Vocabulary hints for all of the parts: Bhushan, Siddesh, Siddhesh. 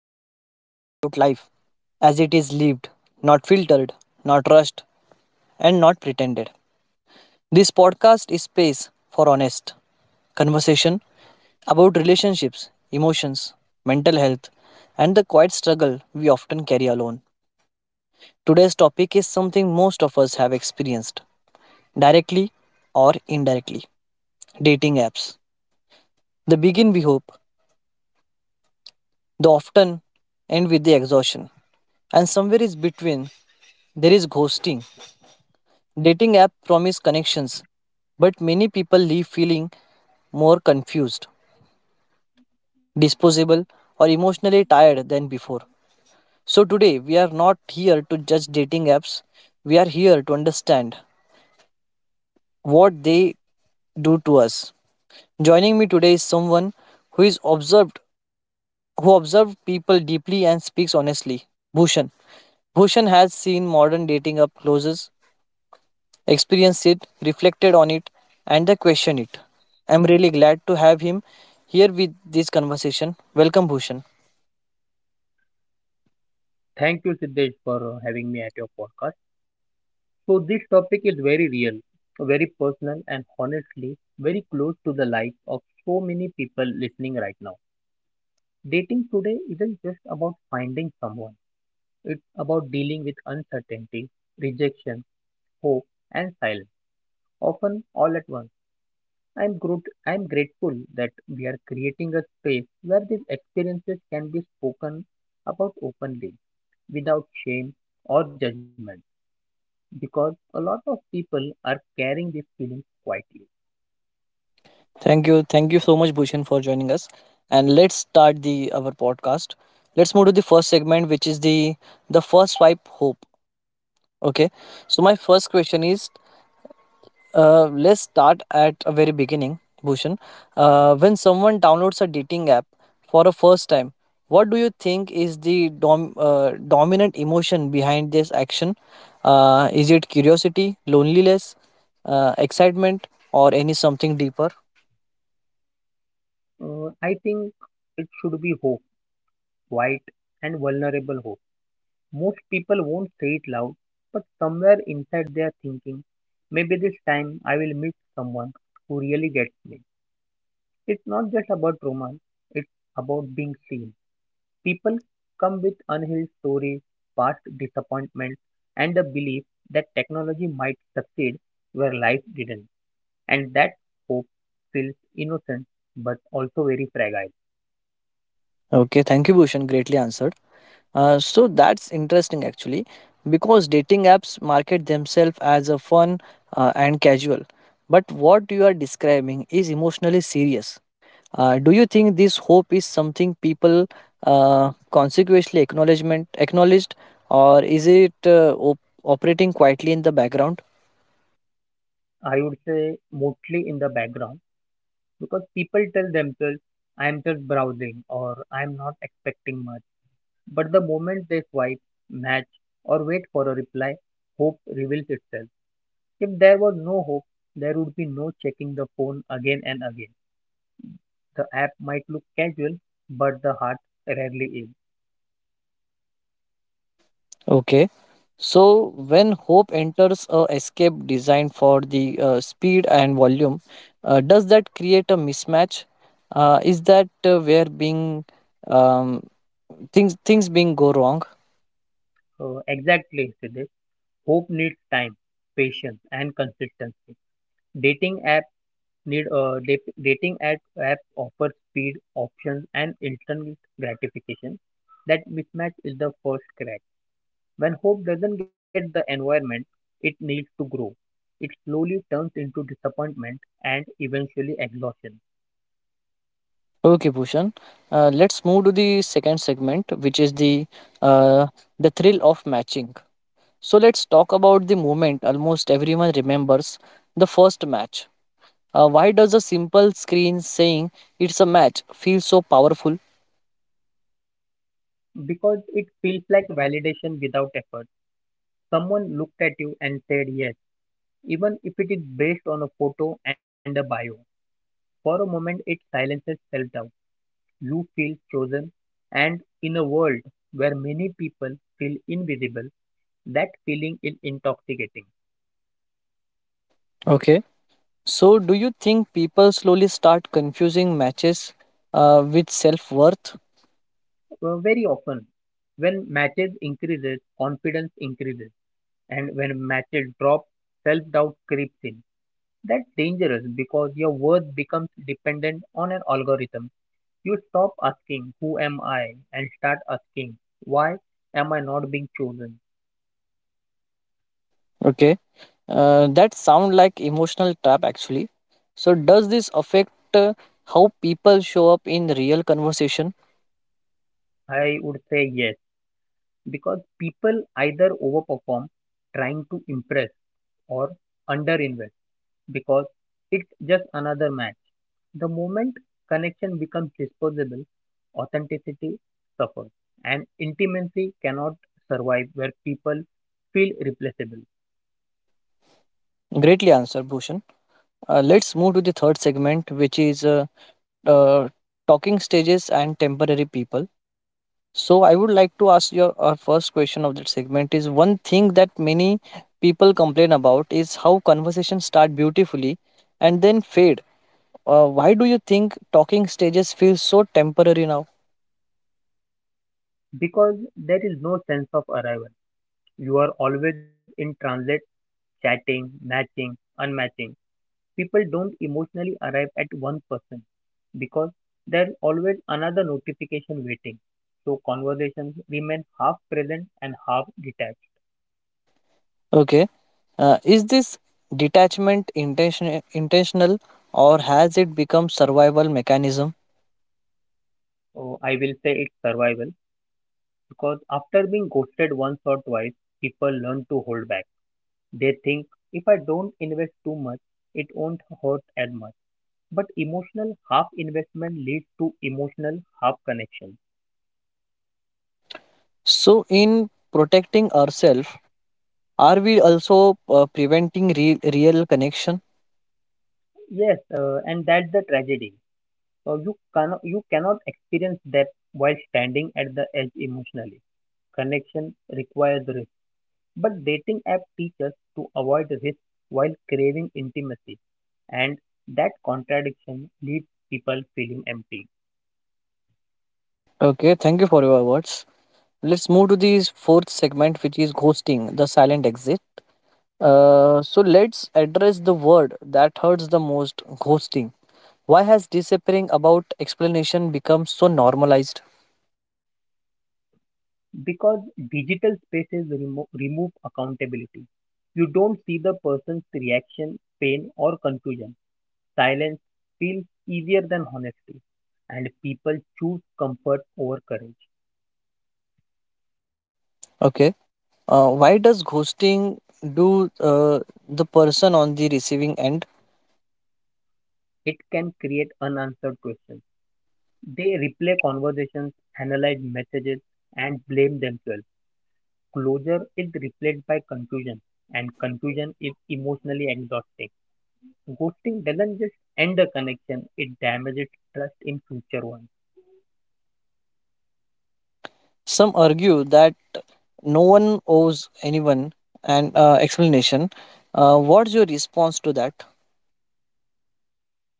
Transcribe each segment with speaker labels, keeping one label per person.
Speaker 1: and here we talk about life as it is lived, not filtered, not rushed, and not pretended. This podcast is space for honest conversation about relationships, emotions, mental health, and the quiet struggle we often carry alone. Today's topic is something most of us have experienced, directly or indirectly: dating apps. The begin, we hope, the often end with the exhaustion. And somewhere is between, there is ghosting. Dating app promise connections, but many people leave feeling more confused, disposable, or emotionally tired than before. So today we are not here to judge dating apps. We are here to understand what they do to us. Joining me today is someone who is observed who observed people deeply and speaks honestly. Bhushan. Bhushan has seen modern dating up closes. Experienced it, reflected on it, and then questioned it. I'm really glad to have him here with this conversation. Welcome, Bhushan.
Speaker 2: Thank you, Siddesh, for having me at your podcast. So, this topic is very real, very personal, and honestly, very close to the life of so many people listening right now. Dating today isn't just about finding someone, it's about dealing with uncertainty, rejection, hope, and silence, often all at once. I'm grateful that we are creating a space where these experiences can be spoken about openly, without shame or judgment, because a lot of people are carrying these feelings quietly.
Speaker 1: Thank you. Thank you so much, Bhushan, for joining us. And let's start the our podcast. Let's move to the first segment, which is the first swipe hope. Okay. So my first question is, let's start at a very beginning, Bhushan. When someone downloads a dating app for a first time, what do you think is the dominant emotion behind this action? Is it curiosity, loneliness, excitement, or any something deeper?
Speaker 2: I think it should be hope, quiet and vulnerable hope. Most people won't say it loud, but somewhere inside they are thinking, maybe this time I will meet someone who really gets me. It's not just about romance, it's about being seen. People come with unhealed stories, past disappointments, and the belief that technology might succeed where life didn't. And that hope feels innocent but also very fragile.
Speaker 1: Okay, thank you, Bhushan. Greatly answered. So that's interesting actually, because dating apps market themselves as a fun and casual. But what you are describing is emotionally serious. Do you think this hope is something people consequently acknowledgement acknowledged, or is it operating quietly in the background?
Speaker 2: I would say mostly in the background because people tell themselves, I am just browsing or I am not expecting much. But the moment they swipe, match, or wait for a reply, hope reveals itself. If there was no hope, there would be no checking the phone again and again. The app might look casual, but the heart rarely is.
Speaker 1: Okay. So when hope enters a escape designed for the speed and volume, does that create a mismatch? Is that where being um, things being go wrong?
Speaker 2: So exactly, Siddesh. Hope needs time, patience, and consistency. Dating app dating app offers speed, options, and instant gratification. That mismatch is the first crack. When hope doesn't get the environment it needs to grow, it slowly turns into disappointment and eventually exhaustion,
Speaker 1: Okay, Bhushan. Let's move to the second segment, which is uh, the thrill of matching. So let's talk about the moment almost everyone remembers the first match. Why does a simple screen saying it's a match feel so powerful?
Speaker 2: because it feels like validation without effort. Someone looked at you and said yes, even if it is based on a photo and a bio. For a moment, it silences self doubt. You feel frozen, and in a world where many people feel invisible, that feeling is intoxicating.
Speaker 1: Okay. So, do you think people slowly start confusing matches with self worth?
Speaker 2: Very often, when matches increases, confidence increases, and when matches drop, self-doubt creeps in. That's dangerous because your worth becomes dependent on an algorithm. You stop asking, "Who am I?" and start asking, "Why am I not being chosen?"
Speaker 1: Okay, that sound like emotional trap, actually. So, does this affect how people show up in real conversation?
Speaker 2: I would say yes because people either overperform trying to impress or underinvest because it's just another match. The moment connection becomes disposable, authenticity suffers and intimacy cannot survive where people feel replaceable
Speaker 1: Greatly answered, Bhushan. Let's move to the third segment, which is uh, talking stages and temporary people. So I would like to ask your our first question of that segment is one thing that many people complain about is how conversations start beautifully and then fade. Why do you think talking stages feel so temporary now?
Speaker 2: because there is no sense of arrival. You are always in transit, chatting, matching, unmatching. People don't emotionally arrive at one person because there's always another notification waiting. So conversations remain half present and half detached.
Speaker 1: Okay, is this detachment intentional or has it become survival mechanism?
Speaker 2: So I will say it's survival because after being ghosted once or twice, people learn to hold back. They think if I don't invest too much, it won't hurt as much. But emotional half investment leads to emotional half connection.
Speaker 1: So in protecting ourselves, are we also preventing real connection?
Speaker 2: Yes, and that's the tragedy. You cannot experience that while standing at the edge emotionally. Connection requires risk, but dating app teaches to avoid risk while craving intimacy, and that contradiction leaves people feeling empty
Speaker 1: Okay, thank you for your words. Let's move to the fourth segment, which is ghosting, the silent exit. So let's address the word that hurts the most: ghosting. Why has disappearing about explanation become so normalized?
Speaker 2: because digital spaces remove accountability. You don't see the person's reaction, pain, or confusion. Silence feels easier than honesty, and people choose comfort over courage.
Speaker 1: Okay. Why does ghosting do the person on the receiving end?
Speaker 2: It can create unanswered questions. They replay conversations, analyze messages, and blame themselves. Closure is replaced by confusion, and confusion is emotionally exhausting. Ghosting doesn't just end a connection, it damages trust in future ones.
Speaker 1: Some argue that no one owes anyone an explanation. What's your response to that?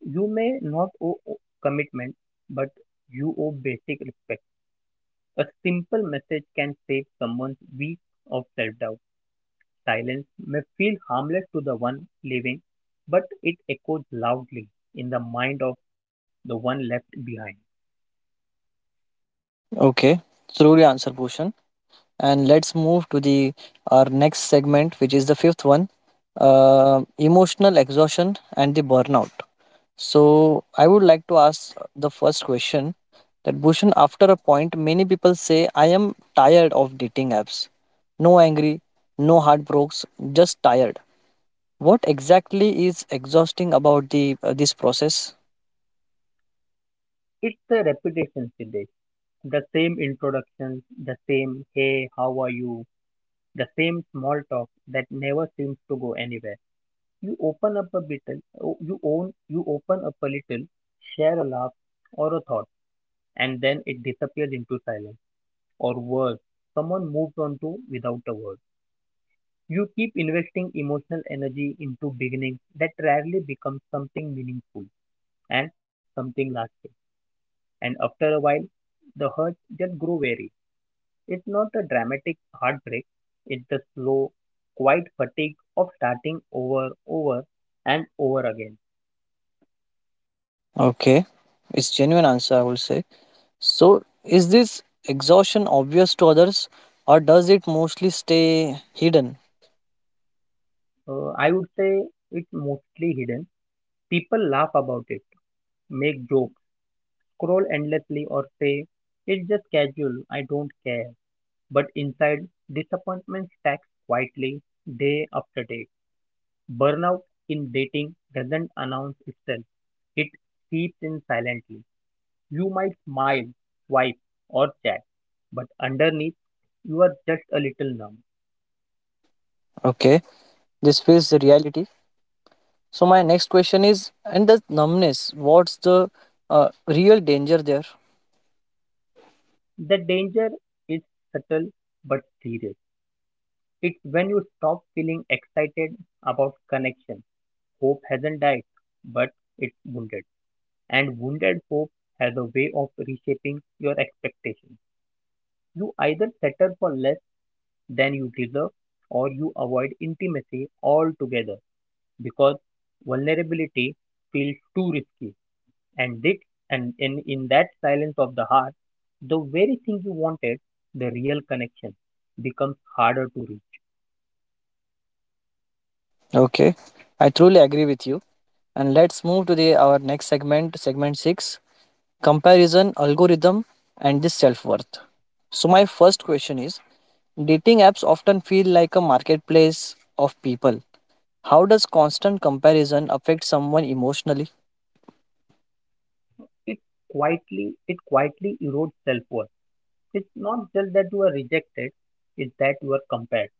Speaker 2: You may not owe commitment, but you owe basic respect. A simple message can save someone's week of self doubt. Silence may feel harmless to the one living, but it echoes loudly in the mind of the one left behind.
Speaker 1: Okay. Truly answer, Bhushan. And let's move to the our next segment, which is the fifth one, emotional exhaustion and the burnout. So I would like to ask the first question, that, Bhushan, after a point many people say, I am tired of dating apps, no angry, no heartbreaks, just tired. What exactly is exhausting about the this process?
Speaker 2: It's the repetition, Siddesh. The same introductions, the same hey, how are you, the same small talk that never seems to go anywhere. You open up a little, share a laugh or a thought, and then it disappears into silence. Or worse, someone moves on to without a word. You keep investing emotional energy into beginnings that rarely become something meaningful and something lasting. And after a while, the hurts just grow weary. It's not a dramatic heartbreak, it's the slow, quiet fatigue of starting over, over, and over again.
Speaker 1: Okay, it's genuine answer, I will say. So, is this exhaustion obvious to others or does it mostly stay hidden?
Speaker 2: I would say it's mostly hidden. People laugh about it, make jokes, scroll endlessly, or say, it's just casual, I don't care. But inside, disappointments stack quietly day after day. Burnout in dating doesn't announce itself, it seeps in silently. You might smile, swipe, or chat, but underneath, you are just a little numb.
Speaker 1: Okay, this feels the reality. So, my next question is, and the numbness, what's the real danger there?
Speaker 2: The danger is subtle but serious. It's when you stop feeling excited about connection. Hope hasn't died, but it's wounded. And wounded hope has a way of reshaping your expectations. You either settle for less than you deserve or you avoid intimacy altogether because vulnerability feels too risky. And it and in that silence of the heart, the very thing you wanted, the real connection, becomes harder to reach.
Speaker 1: Okay, I truly agree with you. And let's move to the our next segment, segment 6: comparison, algorithm, and the self worth. So, my first question is, dating apps often feel like a marketplace of people. How does constant comparison affect someone emotionally?
Speaker 2: It it quietly erodes self worth. It's not just that you are rejected, it's that you are compared.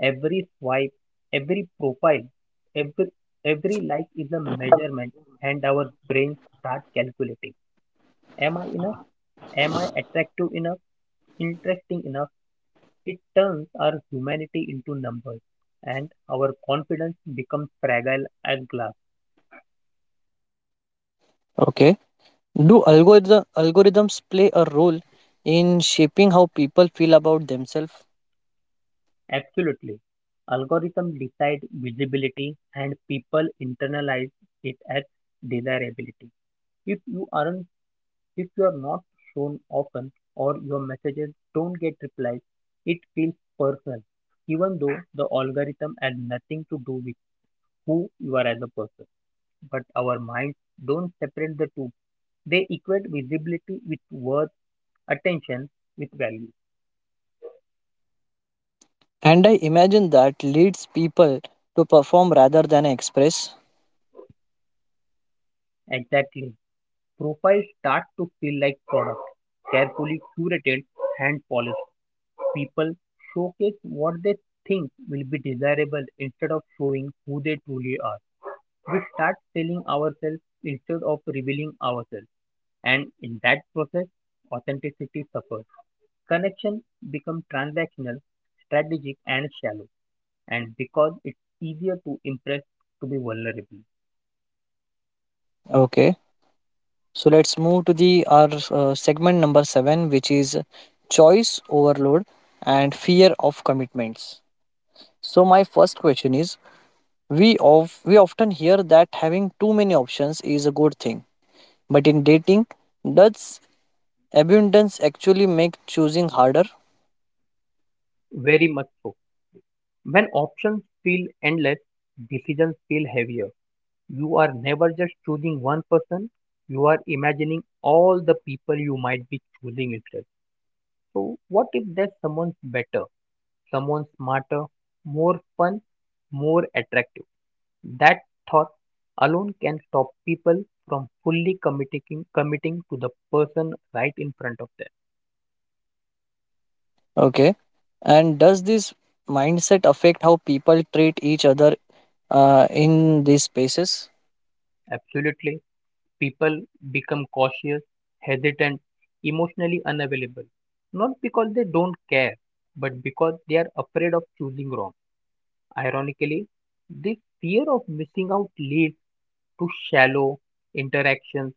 Speaker 2: Every swipe, every profile, every, every like is a measurement, and our brains start calculating. Am I enough? Am I attractive enough? Interesting enough? It turns our humanity into numbers, and our confidence becomes fragile as glass.
Speaker 1: Okay. Do algorithms play a role in shaping how people feel about themselves?
Speaker 2: Absolutely. Algorithms decide visibility, and people internalize it as desirability. If you aren't If you are not shown often or your messages don't get replies, it feels personal, even though the algorithm has nothing to do with who you are as a person. But our minds don't separate the two. They equate visibility with worth, attention with value.
Speaker 1: And I imagine that leads people to perform rather than express.
Speaker 2: Exactly. Profiles start to feel like products, carefully curated, hand polished. People showcase what they think will be desirable instead of showing who they truly are. We start selling ourselves instead of revealing ourselves. And in that process, authenticity suffers. Connection becomes transactional, strategic, and shallow. And because it's easier to impress to be vulnerable.
Speaker 1: Okay. So let's move to the our segment number 7, which is choice overload and fear of commitments. So my first question is, we often hear that having too many options is a good thing. But in dating, does abundance actually make choosing harder?
Speaker 2: Very much so. When options feel endless, decisions feel heavier. You are never just choosing one person, you are imagining all the people you might be choosing instead. So, what if there's someone better? Someone smarter, more fun, more attractive. That thought alone can stop people from fully committing to the person right in front of them.
Speaker 1: Okay. And does this mindset affect how people treat each other in these spaces?
Speaker 2: Absolutely. People become cautious, hesitant, emotionally unavailable. Not because they don't care, but because they are afraid of choosing wrong. Ironically, this fear of missing out leads to shallow interactions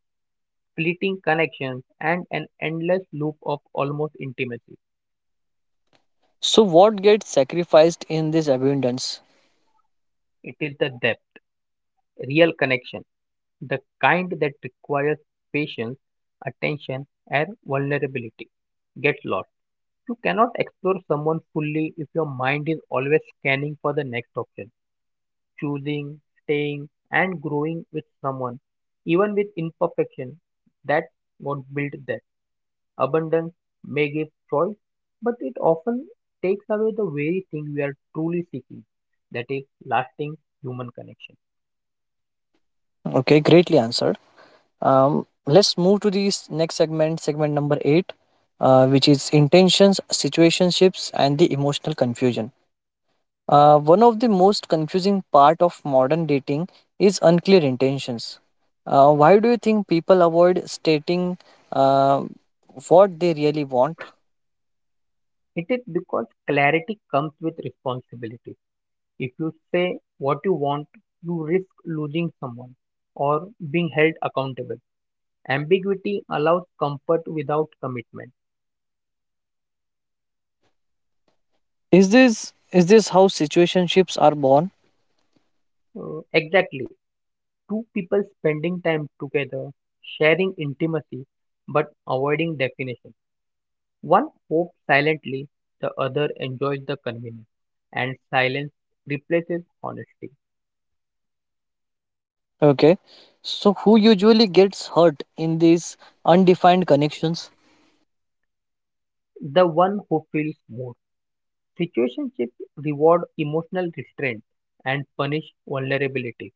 Speaker 2: splitting connections, and an endless loop of almost intimacy.
Speaker 1: So, what gets sacrificed in this abundance?
Speaker 2: It is the depth, real connection, the kind that requires patience, attention, and vulnerability. Get lost. You cannot explore someone fully if your mind is always scanning for the next option, choosing, staying, and growing with someone, even with imperfection. That's what built that. Abundance may give joy, but it often takes away the very thing we are truly seeking, that is, lasting human connection.
Speaker 1: Okay, greatly answered. Let's move to the next segment, segment number eight, which is intentions, situationships, and the emotional confusion. One of the most confusing part of modern dating is unclear intentions. Why do you think people avoid stating uh, what they really want?
Speaker 2: It is because clarity comes with responsibility. If you say what you want, you risk losing someone or being held accountable. Ambiguity allows comfort without commitment.
Speaker 1: Is this how situationships are born?
Speaker 2: Exactly. Two people spending time together, sharing intimacy, but avoiding definition. One hopes silently, the other enjoys the convenience, and silence replaces honesty.
Speaker 1: Okay, so who usually gets hurt in these undefined connections?
Speaker 2: The one who feels more. Situationships reward emotional restraint and punish vulnerability,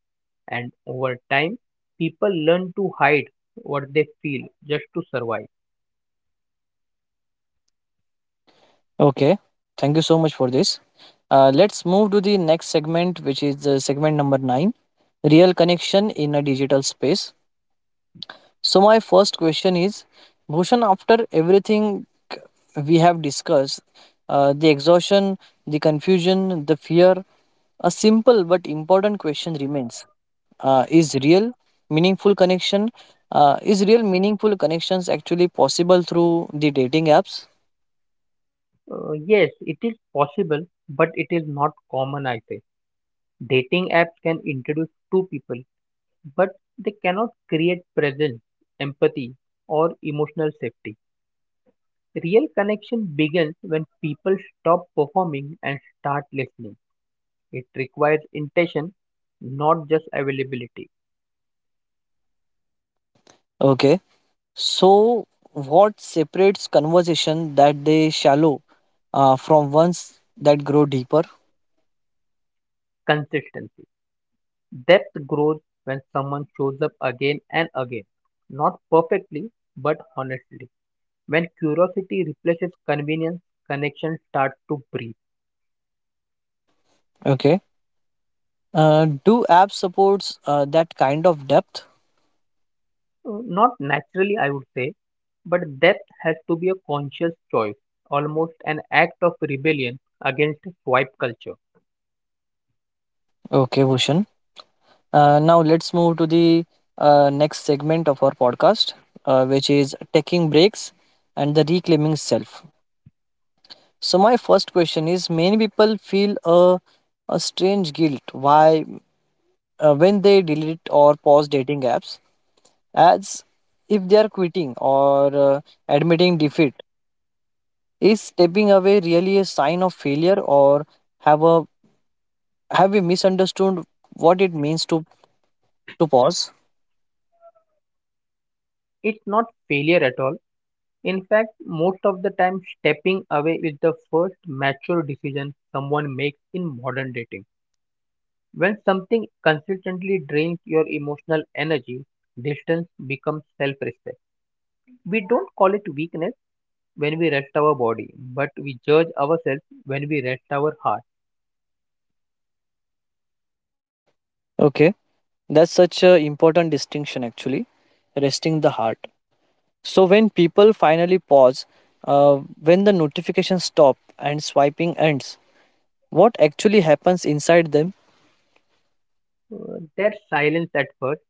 Speaker 2: and over time, people learn to hide what they feel just to survive.
Speaker 1: Okay, thank you so much for this. Let's move to the next segment, which is segment number nine: real connection in a digital space. So my first question is, Bhushan, after everything we have discussed, the exhaustion, the confusion, the fear, a simple but important question remains: Is real, meaningful connection? Is real meaningful connections actually possible through the dating apps?
Speaker 2: Yes, it is possible, but it is not common, I say. Dating apps can introduce two people, but they cannot create presence, empathy, or emotional safety. Real connection begins when people stop performing and start listening. It requires intention, not just availability,
Speaker 1: Okay, so what separates conversation that they shallow from ones that grow deeper?
Speaker 2: consistency. Depth grows when someone shows up again and again, not perfectly, but honestly. When curiosity replaces convenience, connection starts to breathe.
Speaker 1: Okay, do apps supports that kind of depth?
Speaker 2: Not naturally, I would say, but depth has to be a conscious choice, almost an act of rebellion against swipe culture.
Speaker 1: Okay, Bhushan. Now let's move to the next segment of our podcast, which is taking breaks and the reclaiming self. So my first question is: many people feel a strange guilt why when they delete or pause dating apps, as if they are quitting or admitting defeat. Is stepping away really a sign of failure, or have a have we misunderstood what it means to pause?
Speaker 2: It's not failure at all. In fact, most of the time stepping away is the first mature decision someone makes in modern dating. When something consistently drains your emotional energy, distance becomes self respect. We don't call it weakness when we rest our body, but we judge ourselves when we rest our heart.
Speaker 1: Okay. That's such an important distinction, actually. Resting the heart. So, when people finally pause, when the notifications stop and swiping ends, what actually happens inside them?
Speaker 2: There's silence at first,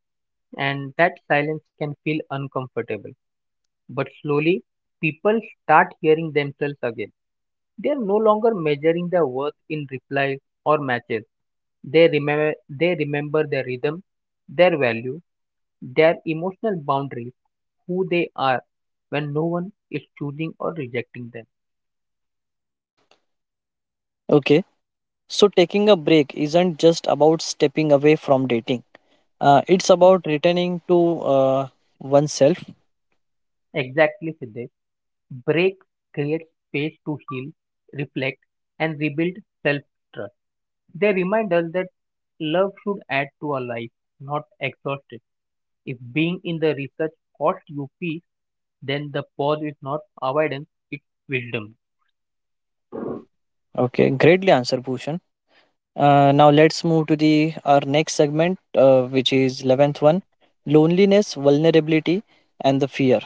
Speaker 2: and that silence can feel uncomfortable. But slowly, people start hearing themselves again. They are no longer measuring their worth in replies or matches. They remember, they remember their rhythm, their value, their emotional boundaries, who they are when no one is choosing or rejecting them.
Speaker 1: Okay, so taking a break isn't just about stepping away from dating, it's about returning to oneself.
Speaker 2: Exactly, Siddesh. Break creates space to heal, reflect, and rebuild self trust. They remind us that love should add to our life, not exhaust it. If being in the research costs you peace, then the pause is not avoidance, it's wisdom.
Speaker 1: Okay, greatly answered, Bhushan. Let's move to the our next segment, which is 11th one: loneliness, vulnerability, and the fear.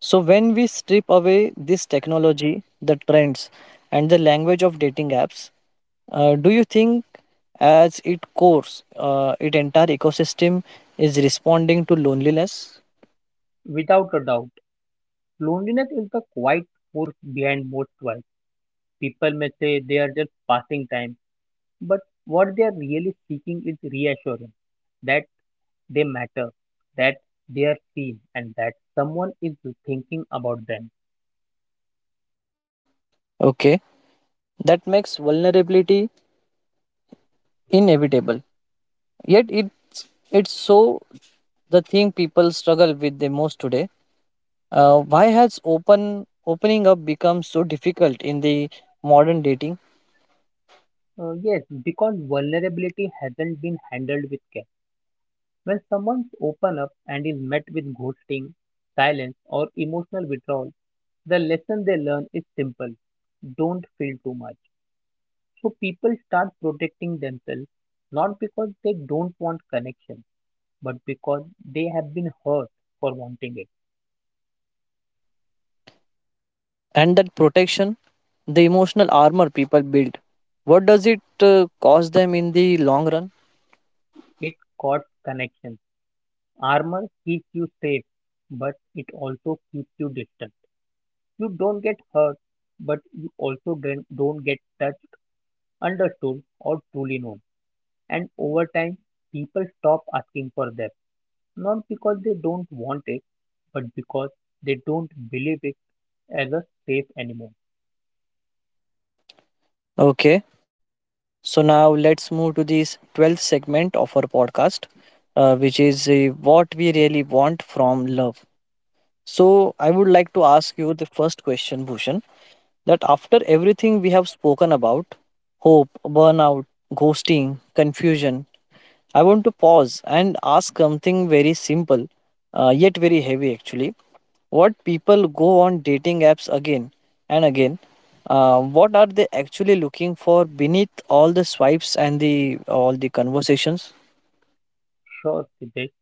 Speaker 1: So when we strip away this technology, the trends, and the language of dating apps, do you think, as its course, its entire ecosystem is responding to loneliness?
Speaker 2: Without a doubt, loneliness is the quiet force behind most work. People may say they are just passing time, but what they are really seeking is reassurance that they matter, that they are seen, and that someone is thinking about them.
Speaker 1: Okay, that makes vulnerability inevitable. Yet it's so the thing people struggle with the most today. Why has opening up become so difficult in the modern dating?
Speaker 2: Yes, because vulnerability hasn't been handled with care. When someone's open up and is met with ghosting, silence, or emotional withdrawal, the lesson they learn is simple: don't feel too much. So people start protecting themselves not because they don't want connection, but because they have been hurt for wanting it.
Speaker 1: And that protection, the emotional armor people build, what does it cost them in the long run?
Speaker 2: It costs connection. Armor keeps you safe, but it also keeps you distant. You don't get hurt, but you also don't get touched, understood, or truly known. And over time, people stop asking for them, not because they don't want it, but because they don't believe it as a safe anymore.
Speaker 1: Okay, so now let's move to this 12th segment of our podcast, which is what we really want from love. So, I would like to ask you the first question, Bhushan, that after everything we have spoken about hope, burnout, ghosting, confusion, I want to pause and ask something very simple, yet very heavy, actually. What people go on dating apps again and again. What are they actually looking for beneath all the swipes and the all the conversations?
Speaker 2: Sure, Siddesh.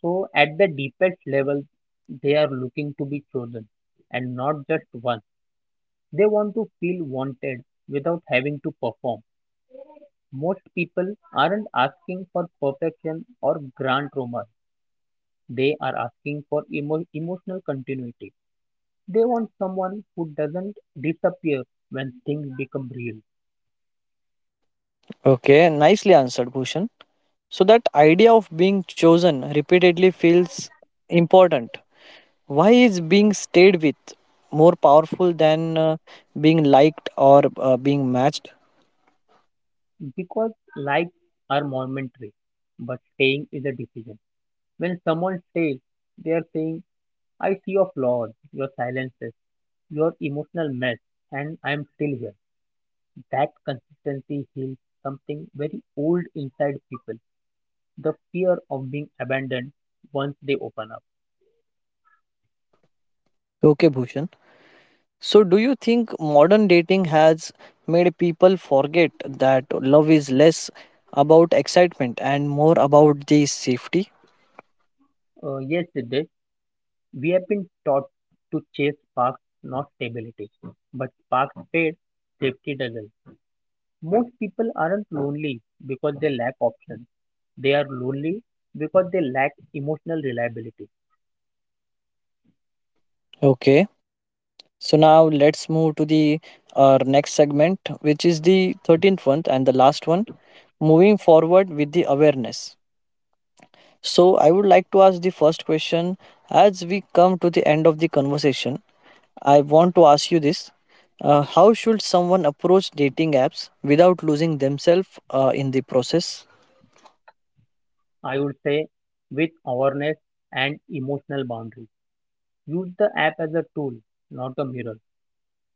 Speaker 2: So at the deepest level, they are looking to be chosen and not just one. They want to feel wanted without having to perform. Most people aren't asking for perfection or grand romance. They are asking for emotional continuity. They want someone who doesn't disappear when things become real.
Speaker 1: Okay, nicely answered, Bhushan. So that idea of being chosen repeatedly feels important. Why is being stayed with more powerful than being liked or being matched?
Speaker 2: Because lives are momentary, but staying is a decision. When someone stays, they are saying, I see your flaws, your silences, your emotional mess and I am still here. That consistency heals something very old inside people, the fear of being abandoned once they open up.
Speaker 1: Okay, Bhushan. So, do you think modern dating has made people forget that love is less about excitement and more about the safety?
Speaker 2: Yes, Siddesh, we have been taught to chase sparks, not stability. But sparks fade, safety doesn't. Most people aren't lonely because they lack options. They are lonely because they lack emotional reliability.
Speaker 1: Okay, so now let's move to the our next segment, which is the 13th one and the last one: moving forward with the awareness. So, I would like to ask the first question. As we come to the end of the conversation, I want to ask you this. How should someone approach dating apps without losing themselves in the process?
Speaker 2: I would say with awareness and emotional boundaries. Use the app as a tool, not a mirror.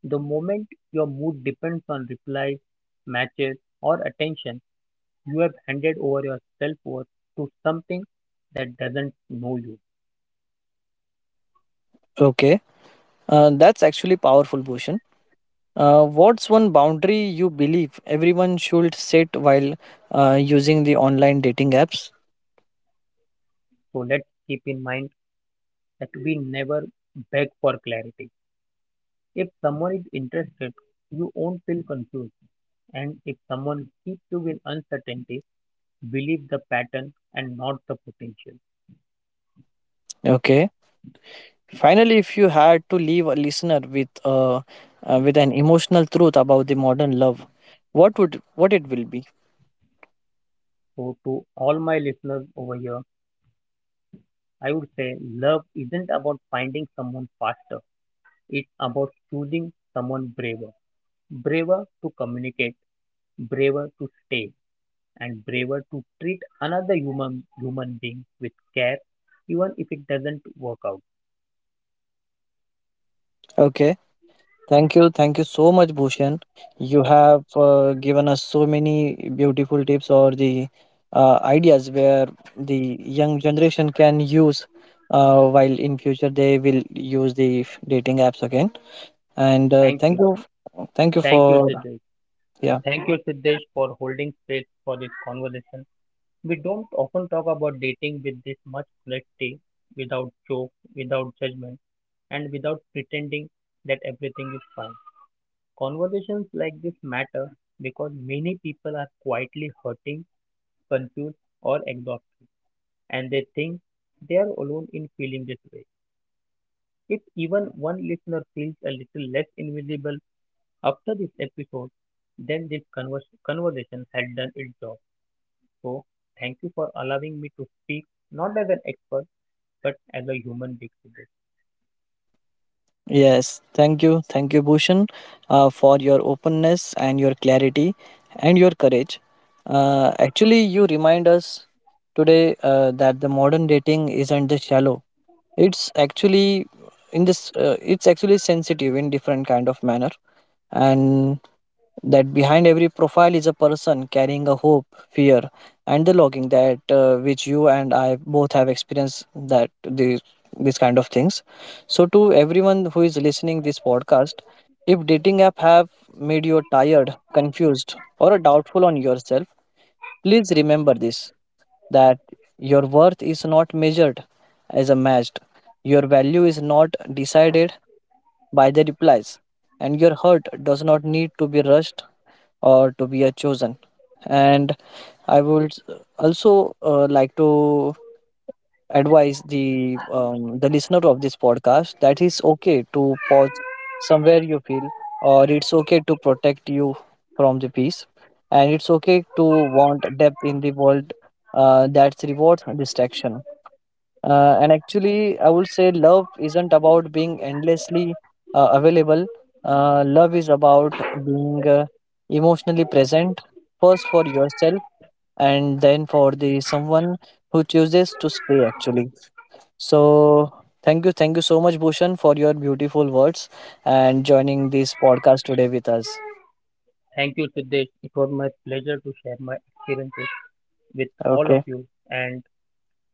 Speaker 2: The moment your mood depends on replies, matches, or attention, you have handed over your self worth to something that doesn't know you.
Speaker 1: Okay, that's actually powerful, Bhushan. What's one boundary you believe everyone should set while using the online dating apps?
Speaker 2: So let's keep in mind that we never beg for clarity. If someone is interested, you won't feel confused. And if someone keeps you in uncertainty, believe the pattern and not the potential.
Speaker 1: Okay, finally, if you had to leave a listener with with an emotional truth about the modern love, what it will be?
Speaker 2: So, to all my listeners over here, I would say love isn't about finding someone faster. It's about choosing someone braver. Braver to communicate, braver to stay, and braver to treat another human being with care, even if it doesn't work out.
Speaker 1: Okay, thank you so much, Bhushan. You have given us so many beautiful tips or the ideas where the young generation can use while in future they will use the dating apps again. And
Speaker 2: Thank you.
Speaker 1: thank you
Speaker 2: Thank you,
Speaker 1: for,
Speaker 2: Siddesh.
Speaker 1: yeah.
Speaker 2: Thank you, Siddesh, for holding space for this conversation. We don't often talk about dating with this much clarity, without joke, without judgment, and without pretending that everything is fine. Conversations like this matter because many people are quietly hurting, confused, or exhausted, and they think they are alone in feeling this way. If even one listener feels a little less invisible after this episode, then this conversation has done its job. So, thank you for allowing me to speak, not as an expert, but as a human being today.
Speaker 1: Yes, thank you. Thank you, Bhushan, for your openness and your clarity and your courage. Actually, you remind us today that the modern dating isn't just shallow. It's actually in this. It's actually sensitive in different kind of manner, and that behind every profile is a person carrying a hope, fear, and the longing that which you and I both have experienced, that these kind of things. So to everyone who is listening this podcast, if dating app have made you tired, confused, or doubtful on yourself, please remember this, that your worth is not measured as a matched. Your value is not decided by the replies, and your hurt does not need to be rushed or to be a chosen. And I would also like to advise the listener of this podcast that it's okay to pause somewhere you feel, or it's okay to protect you from the peace, and it's okay to want depth in the world that's rewards distraction. And actually, I would say love isn't about being endlessly available. Love is about being emotionally present, first for yourself and then for the someone who chooses to stay, actually. So, thank you so much, Bhushan, for your beautiful words and joining this podcast today with us.
Speaker 2: Thank you, Siddesh. It was my pleasure to share my experiences with all of
Speaker 1: Okay,
Speaker 2: you and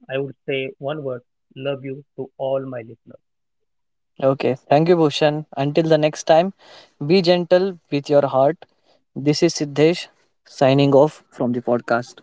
Speaker 2: I would say one word, love you to all my listeners.
Speaker 1: okay. Thank you, Bhushan. Until the next time, be gentle with your heart. This is Siddhesh signing off from the podcast.